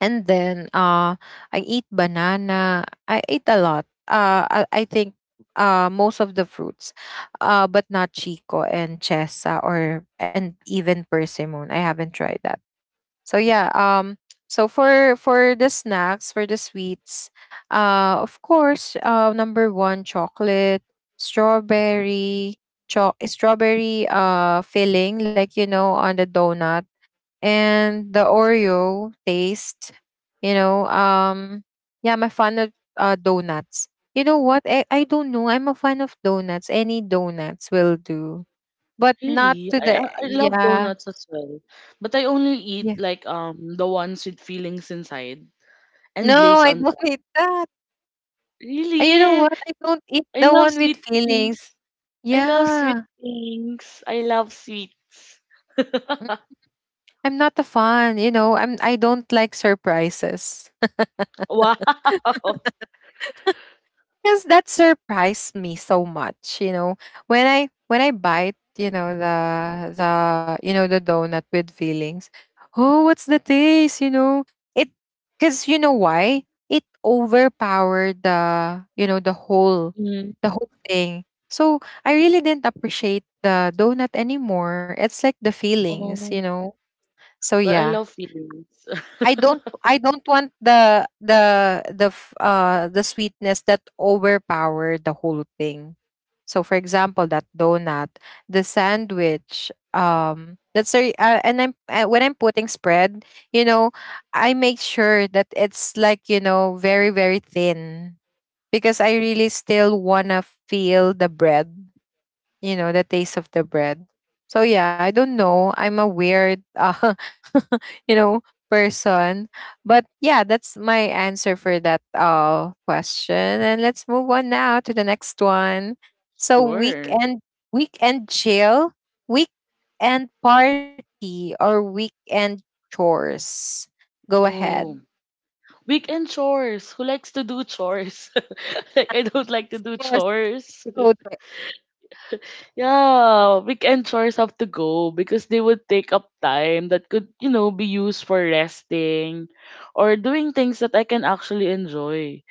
And then I eat banana. I ate a lot. I think most of the fruits. But not chico and chesa, or and even persimmon. I haven't tried that. So yeah, for the snacks, for the sweets, of course, number 1, chocolate, strawberry, strawberry filling, like, you know, on the donut and the Oreo taste, you know, yeah, I'm a fan of donuts. You know what? I don't know. I'm a fan of donuts. Any donuts will do, but not Really? to the I love yeah. donuts as well. But I only eat Yeah. like the ones with fillings inside and No, glaze I on don't top. eat that. You know Really? what? I don't eat I the love one with sweet feelings. things. I love sweet Yeah. things. I love sweets. Mm. I'm not a fan. You know, I don't like surprises. Wow. Because that surprised me so much, you know, when I bite, you know, the you know, the donut with fillings. Oh, what's the taste, you know? It, because, you know why? It overpowered the, you know, Mm. the whole thing. So I really didn't appreciate the donut anymore. It's like the feelings, you Oh. know. So But I yeah. love feelings. I don't I don't want the sweetness that overpower the whole thing. So for example, that donut, the sandwich, that's a, and I'm when I'm putting spread, you know, I make sure that it's like, you know, very very thin because I really still want to feel the bread, you know, the taste of the bread. So yeah, I don't know. I'm a weird, you know, person. But yeah, that's my answer for that question. And let's move on now to the next one. So Sure. weekend, weekend chill, weekend party, or weekend chores. Go ahead. Oh, weekend chores. Who likes to do chores? Like I don't Of like to do course, I chores. go there. Yeah, weekend chores have to go because they would take up time that could, you know, be used for resting or doing things that I can actually enjoy.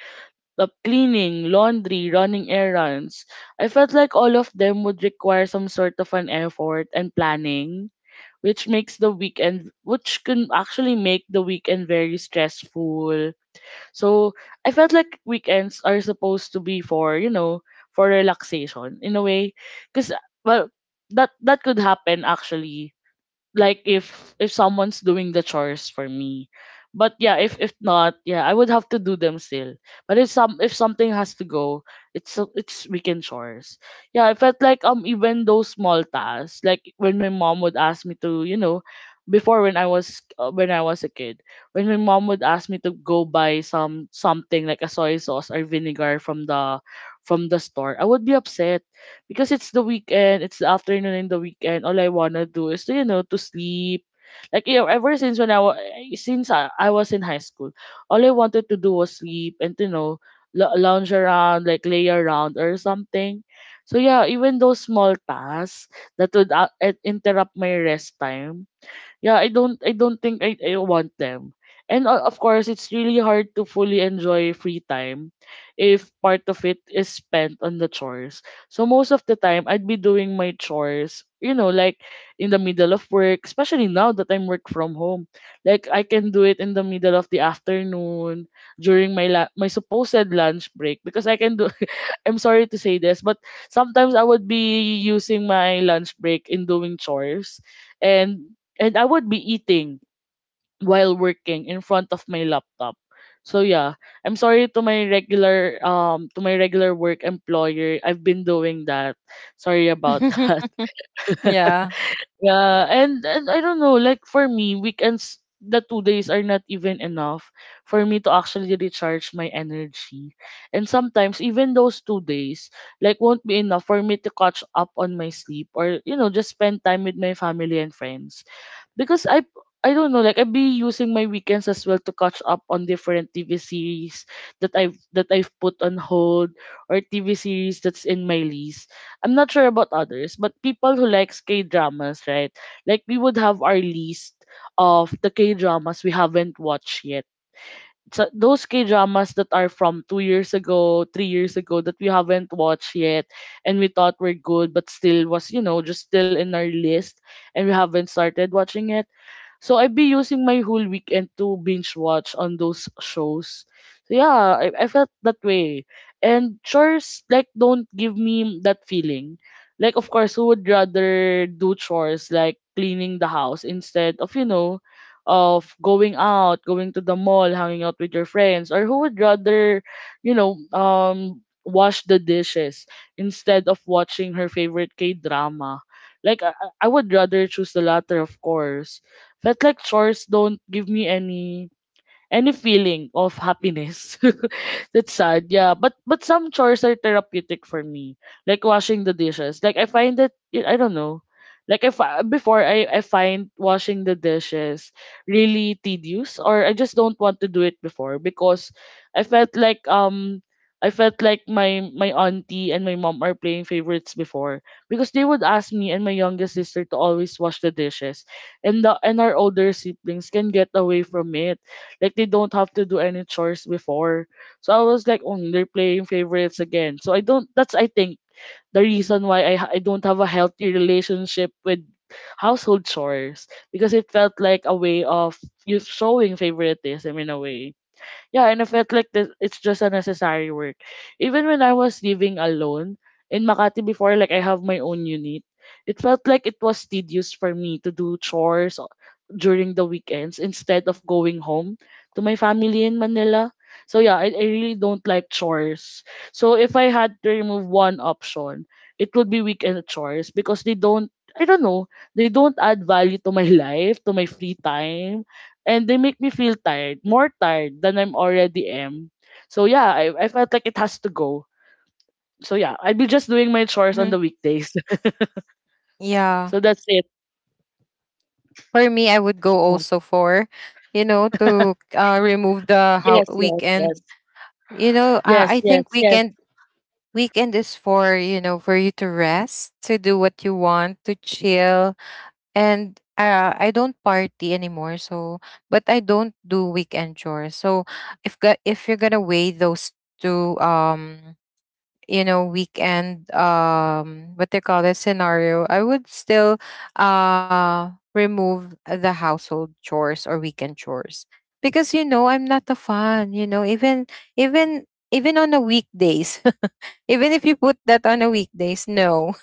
The cleaning, laundry, running errands. I felt like all of them would require some sort of an effort and planning, which makes the weekend, which can actually make the weekend very stressful. So I felt like weekends are supposed to be for, you know, for relaxation in a way, because well, that that could happen actually, like if someone's doing the chores for me, but yeah, if not, yeah, I would have to do them still. But if some, if something has to go, it's weekend chores. Yeah, I felt like even those small tasks, like when my mom would ask me to, you know, before when I was a kid, when my mom would ask me to go buy some something like a soy sauce or vinegar from the store, I would be upset because it's the weekend, it's the afternoon in the weekend. All I wanna do is to, you know, to sleep. Like you know, ever since when I was, I was in high school, all I wanted to do was sleep and, you know, lounge around, like lay around or something. So yeah, even those small tasks that would interrupt my rest time, yeah, I don't think I want them. And of course, it's really hard to fully enjoy free time if part of it is spent on the chores. So most of the time, I'd be doing my chores, you know, like in the middle of work, especially now that I'm work from home. Like I can do it in the middle of the afternoon during my my supposed lunch break because I can do I'm sorry to say this, but sometimes I would be using my lunch break in doing chores and I would be eating while working in front of my laptop. So yeah, I'm sorry to my regular work employer. I've been doing that. Sorry about that. Yeah. Yeah, and I don't know, like for me, weekends, the 2 days are not even enough for me to actually recharge my energy. And sometimes even those 2 days, like won't be enough for me to catch up on my sleep or, you know, just spend time with my family and friends because I don't know like I've been using my weekends as well to catch up on different TV series that I've put on hold or TV series that's in my list. I'm not sure about others, but people who likes K dramas, right? Like we would have our list of the K dramas we haven't watched yet. So those K dramas that are from 2 years ago, 3 years ago that we haven't watched yet, and we thought were good, but still was, you know, just still in our list, and we haven't started watching it so I'd be using my whole weekend to binge watch on those shows. So yeah, I felt that way. And chores like don't give me that feeling. Like of course, who would rather do chores like cleaning the house instead of, you know, of going out, going to the mall, hanging out with your friends, or who would rather, you know, wash the dishes instead of watching her favorite K-drama. Like I would rather choose the latter, of course. Felt like chores don't give me any feeling of happiness. That's sad, yeah. But some chores are therapeutic for me, like washing the dishes. Like I find that I don't know. Like if I, before I find washing the dishes really tedious, or I just don't want to do it before because I felt like um. I felt like my auntie and my mom are playing favorites before because they would ask me and my youngest sister to always wash the dishes and our older siblings can get away from it like they don't have to do any chores before. So I was like, oh, they're playing favorites again. So I don't. That's I think the reason why I I don't have a healthy relationship with household chores because it felt like a way of you showing favoritism in a way. Yeah, and I felt like that it's just a necessary work. Even when I was living alone in Makati before, like I have my own unit, it felt like it was tedious for me to do chores during the weekends instead of going home to my family in Manila. So yeah, I really don't like chores. So if I had to remove one option, it would be weekend chores because they don't I don't know, they don't add value to my life, to my free time, and they make me feel tired, more tired than I'm already am. So yeah, I felt like it has to go. So yeah, I'll be just doing my chores on the Mhm. weekdays. Yeah. So that's it. For me, I would go Yeah. also for, you know, to remove the how Yes, yes, yes. weekend. You know, Yes, I yes, think yes. weekend is for, you know, for you to rest, to do what you want, to chill, and I don't party anymore. So, but I don't do weekend chores. So, if you're gonna weigh those two, you know, weekend what they call it scenario, I would still remove the household chores or weekend chores because, you know, I'm not a fan, you know, even even on the weekdays. Even if you put that on the weekdays, no,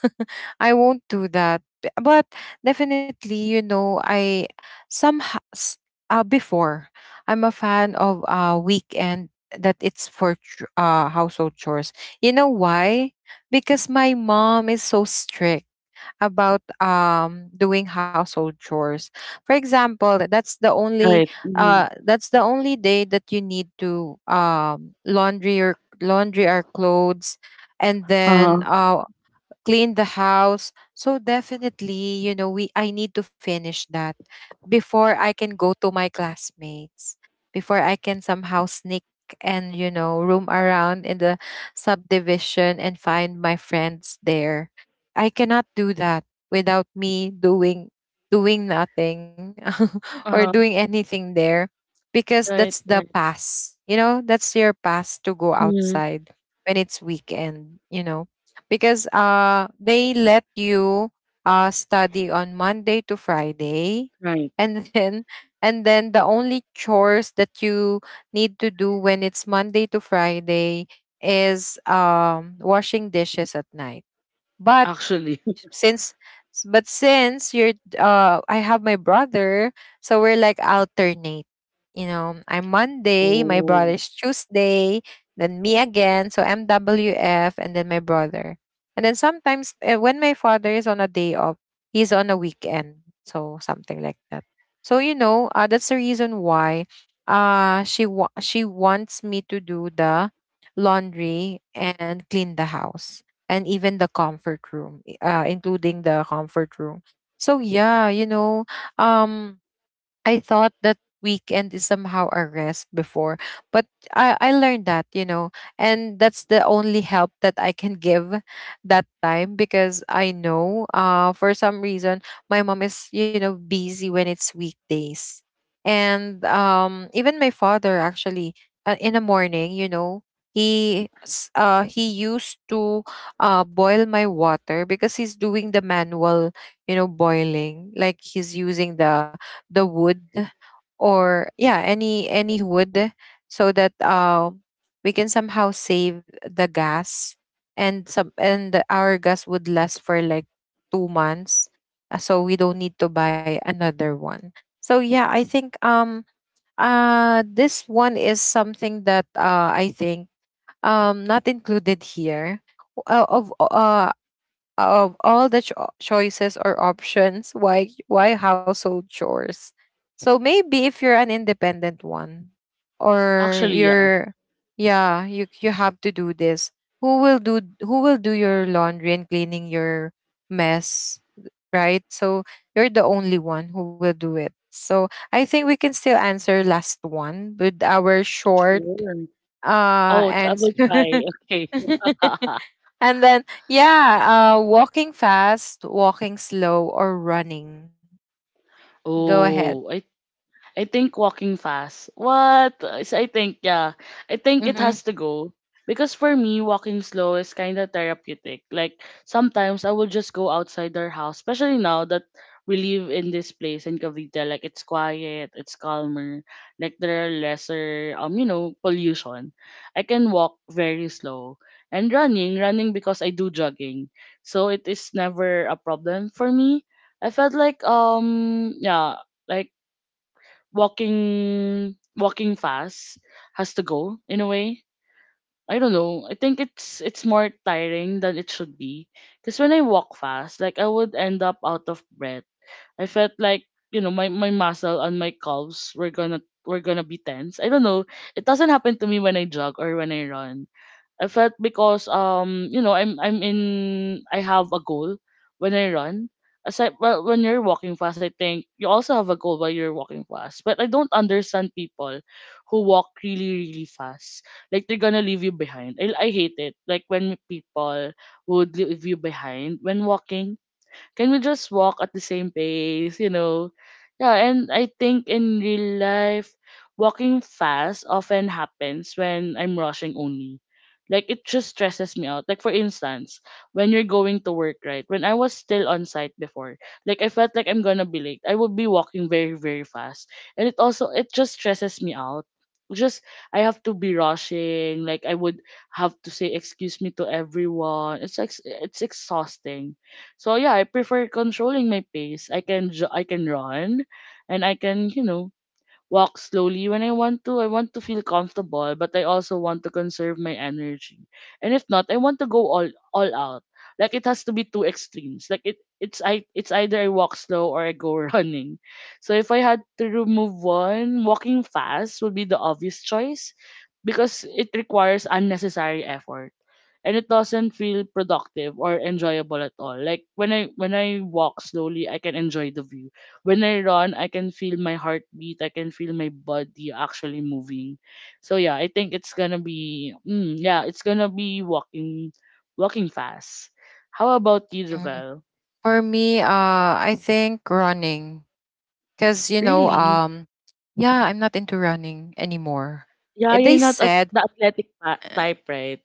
I won't do that. B- But definitely, you know, I somehow before I'm a fan of weekend that it's for household chores. You know why? Because my mom is so strict about doing household chores. For example, Right. Mm-hmm. That's the only day that you need to laundry our clothes and then Uh-huh, clean the house. So definitely, you know, we I need to finish that before I can go to my classmates, before I can somehow sneak and, you know, roam around in the subdivision and find my friends there. I cannot do that without me doing nothing or uh-huh. doing anything there, because Right, that's the right. pass. You know, that's your pass to go Mhm, outside when it's weekend, you know, because they let you study on Monday to Friday, right. and then and then the only chores that you need to do when it's Monday to Friday is washing dishes at night. But Actually. since but since you're I have my brother, so we're like alternate. You know, I'm Monday, my Oh. brother's Tuesday, then me again, so MWF, and then my brother. And then sometimes when my father is on a day off, he's on a weekend, so something like that. So you know, that's the reason why she wants me to do the laundry and clean the house, and even the comfort room, including the comfort room. So yeah, you know, um, I thought that weekend is somehow a rest before, but I learned that, you know, and that's the only help that I can give that time, because I know for some reason my mom is, you know, busy when it's weekdays. And even my father actually, in the morning, you know, he used to boil my water because he's doing the manual, you know, boiling. Like he's using the wood, or yeah, any wood, so that we can somehow save the gas, and our gas would last for like 2 months, so we don't need to buy another one. So yeah, I think this one is something that I think not included here, uh, of uh of all the choices or options, why household chores. So maybe if you're an independent one, or Actually, yeah, you're yeah, you have to do this. Who will do your laundry and cleaning your mess, right? So you're the only one who will do it. So I think we can still answer last one with our short sure. Oh, I will answer. try. Okay. And then, yeah, walking fast, walking slow, or running. Go ahead. Oh, I think walking fast. What? Is- I think, yeah. I think it Mm-hmm. has to go. Because for me, walking slow is kind of therapeutic. Like, sometimes I will just go outside our house, especially now that we live in this place in Cavite. Like, it's quiet, it's calmer. Like, there are lesser, you know, pollution. I can walk very slow. And running, running because I do jogging. So, it is never a problem for me. I felt like, yeah, like, walking fast has to go in a way. I don't know. I think it's more tiring than it should be. Cause when I walk fast, like I would end up out of breath. I felt like you know my muscle and my calves were gonna be tense. I don't know. It doesn't happen to me when I jog or when I run. I felt because you know I have a goal when I run. Aside well when you're walking fast, I think you also have a goal while you're walking fast. But I don't understand people who walk really fast. Like they're gonna leave you behind. I hate it. Like when people would leave you behind when walking. Can we just walk at the same pace? You know? Yeah, and I think in real life, walking fast often happens when I'm rushing only. Like it just stresses me out. Like for instance, when you're going to work, right? When I was still on site before, like I felt like I'm gonna be late. I would be walking very, very fast. And it just stresses me out. Just I have to be rushing, like I would have to say excuse me to everyone. It's exhausting. So yeah, I prefer controlling my pace. I can run and I can, you know, walk slowly when I want to. I want to feel comfortable, but I also want to conserve my energy. And if not, I want to go all out. Like it has to be two extremes. Like it's either I walk slow or I go running. So if I had to remove one, walking fast would be the obvious choice because it requires unnecessary effort and it doesn't feel productive or enjoyable at all. Like when I walk slowly I can enjoy the view, when I run I can feel my heartbeat, I can feel my body actually moving. So yeah, I think it's gonna be mm, yeah it's gonna be walking fast. How about you, Hmm. Javel? For me, I think running, because, you know, Really? Yeah, I'm not into running anymore. Yeah, you're They not a, said. the athletic pa- type, right?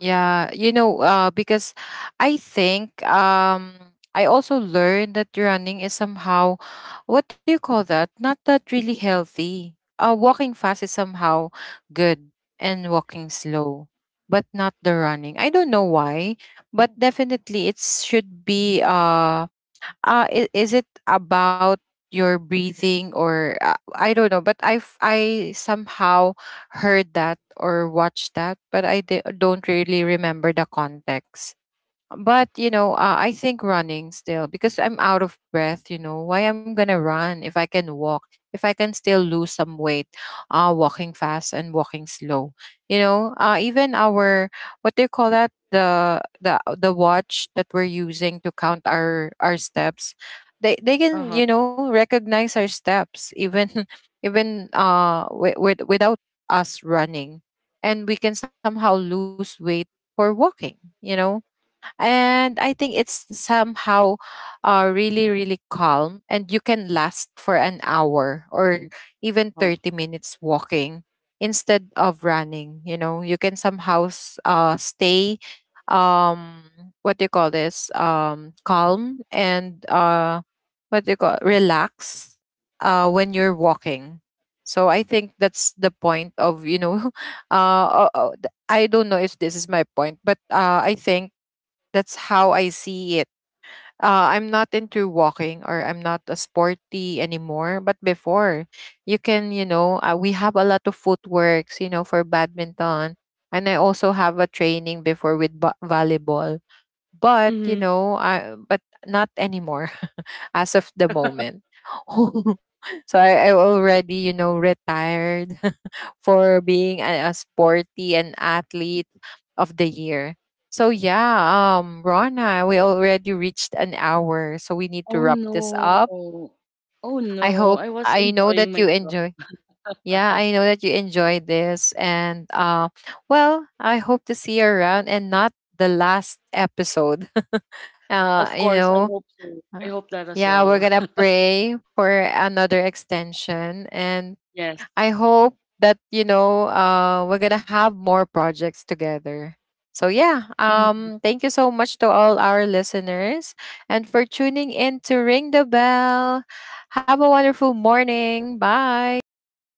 Yeah, you know, because I think, I also learned that running is somehow, what do you call that? Not that really healthy. Walking fast is somehow good, and walking slow, but not the running. I don't know why, but definitely it should be. Is it about your breathing, or I don't know, but I somehow heard that or watched that, but don't really remember the context. But you know, I think running still, because I'm out of breath. You know why I'm gonna run if I can walk, if I can still lose some weight? Walking fast and walking slow, you know, even our, what do you call that, the watch that we're using to count our steps, they can, Uh-huh, you know, recognize our steps, even even with without us running, and we can somehow lose weight for walking, you know. And I think it's somehow really really calm, and you can last for an hour, or even 30 minutes walking, instead of running. You know, you can somehow stay um what do you call this, calm and what do you call, relax when you're walking. So I think that's the point of, you know, I don't know if this is my point, but I think that's how I see it. I'm not into walking, or I'm not a sporty anymore. But before, you can, you know, we have a lot of footworks, you know, for badminton. And I also have a training before with volleyball. But, you uh-huh. know, I, but not anymore as of the moment. So I already, you know, retired for being a sporty and athlete of the year. So yeah, Rona, we already reached an hour, so we need to Oh wrap this up. no. Oh I hope, no. I was I know that enjoying you myself. enjoy. Yeah, I know that you enjoy this, and well, I hope to see you around and not the last episode. uh, Of you course, I know, hope so. I uh, hope that as yeah, we're well. gonna pray for another extension, and Yes. I hope that, you know, we're gonna have more projects together. So yeah, Mm. Thank you so much to all our listeners and for tuning in to Ring the Bell. Have a wonderful morning. Bye.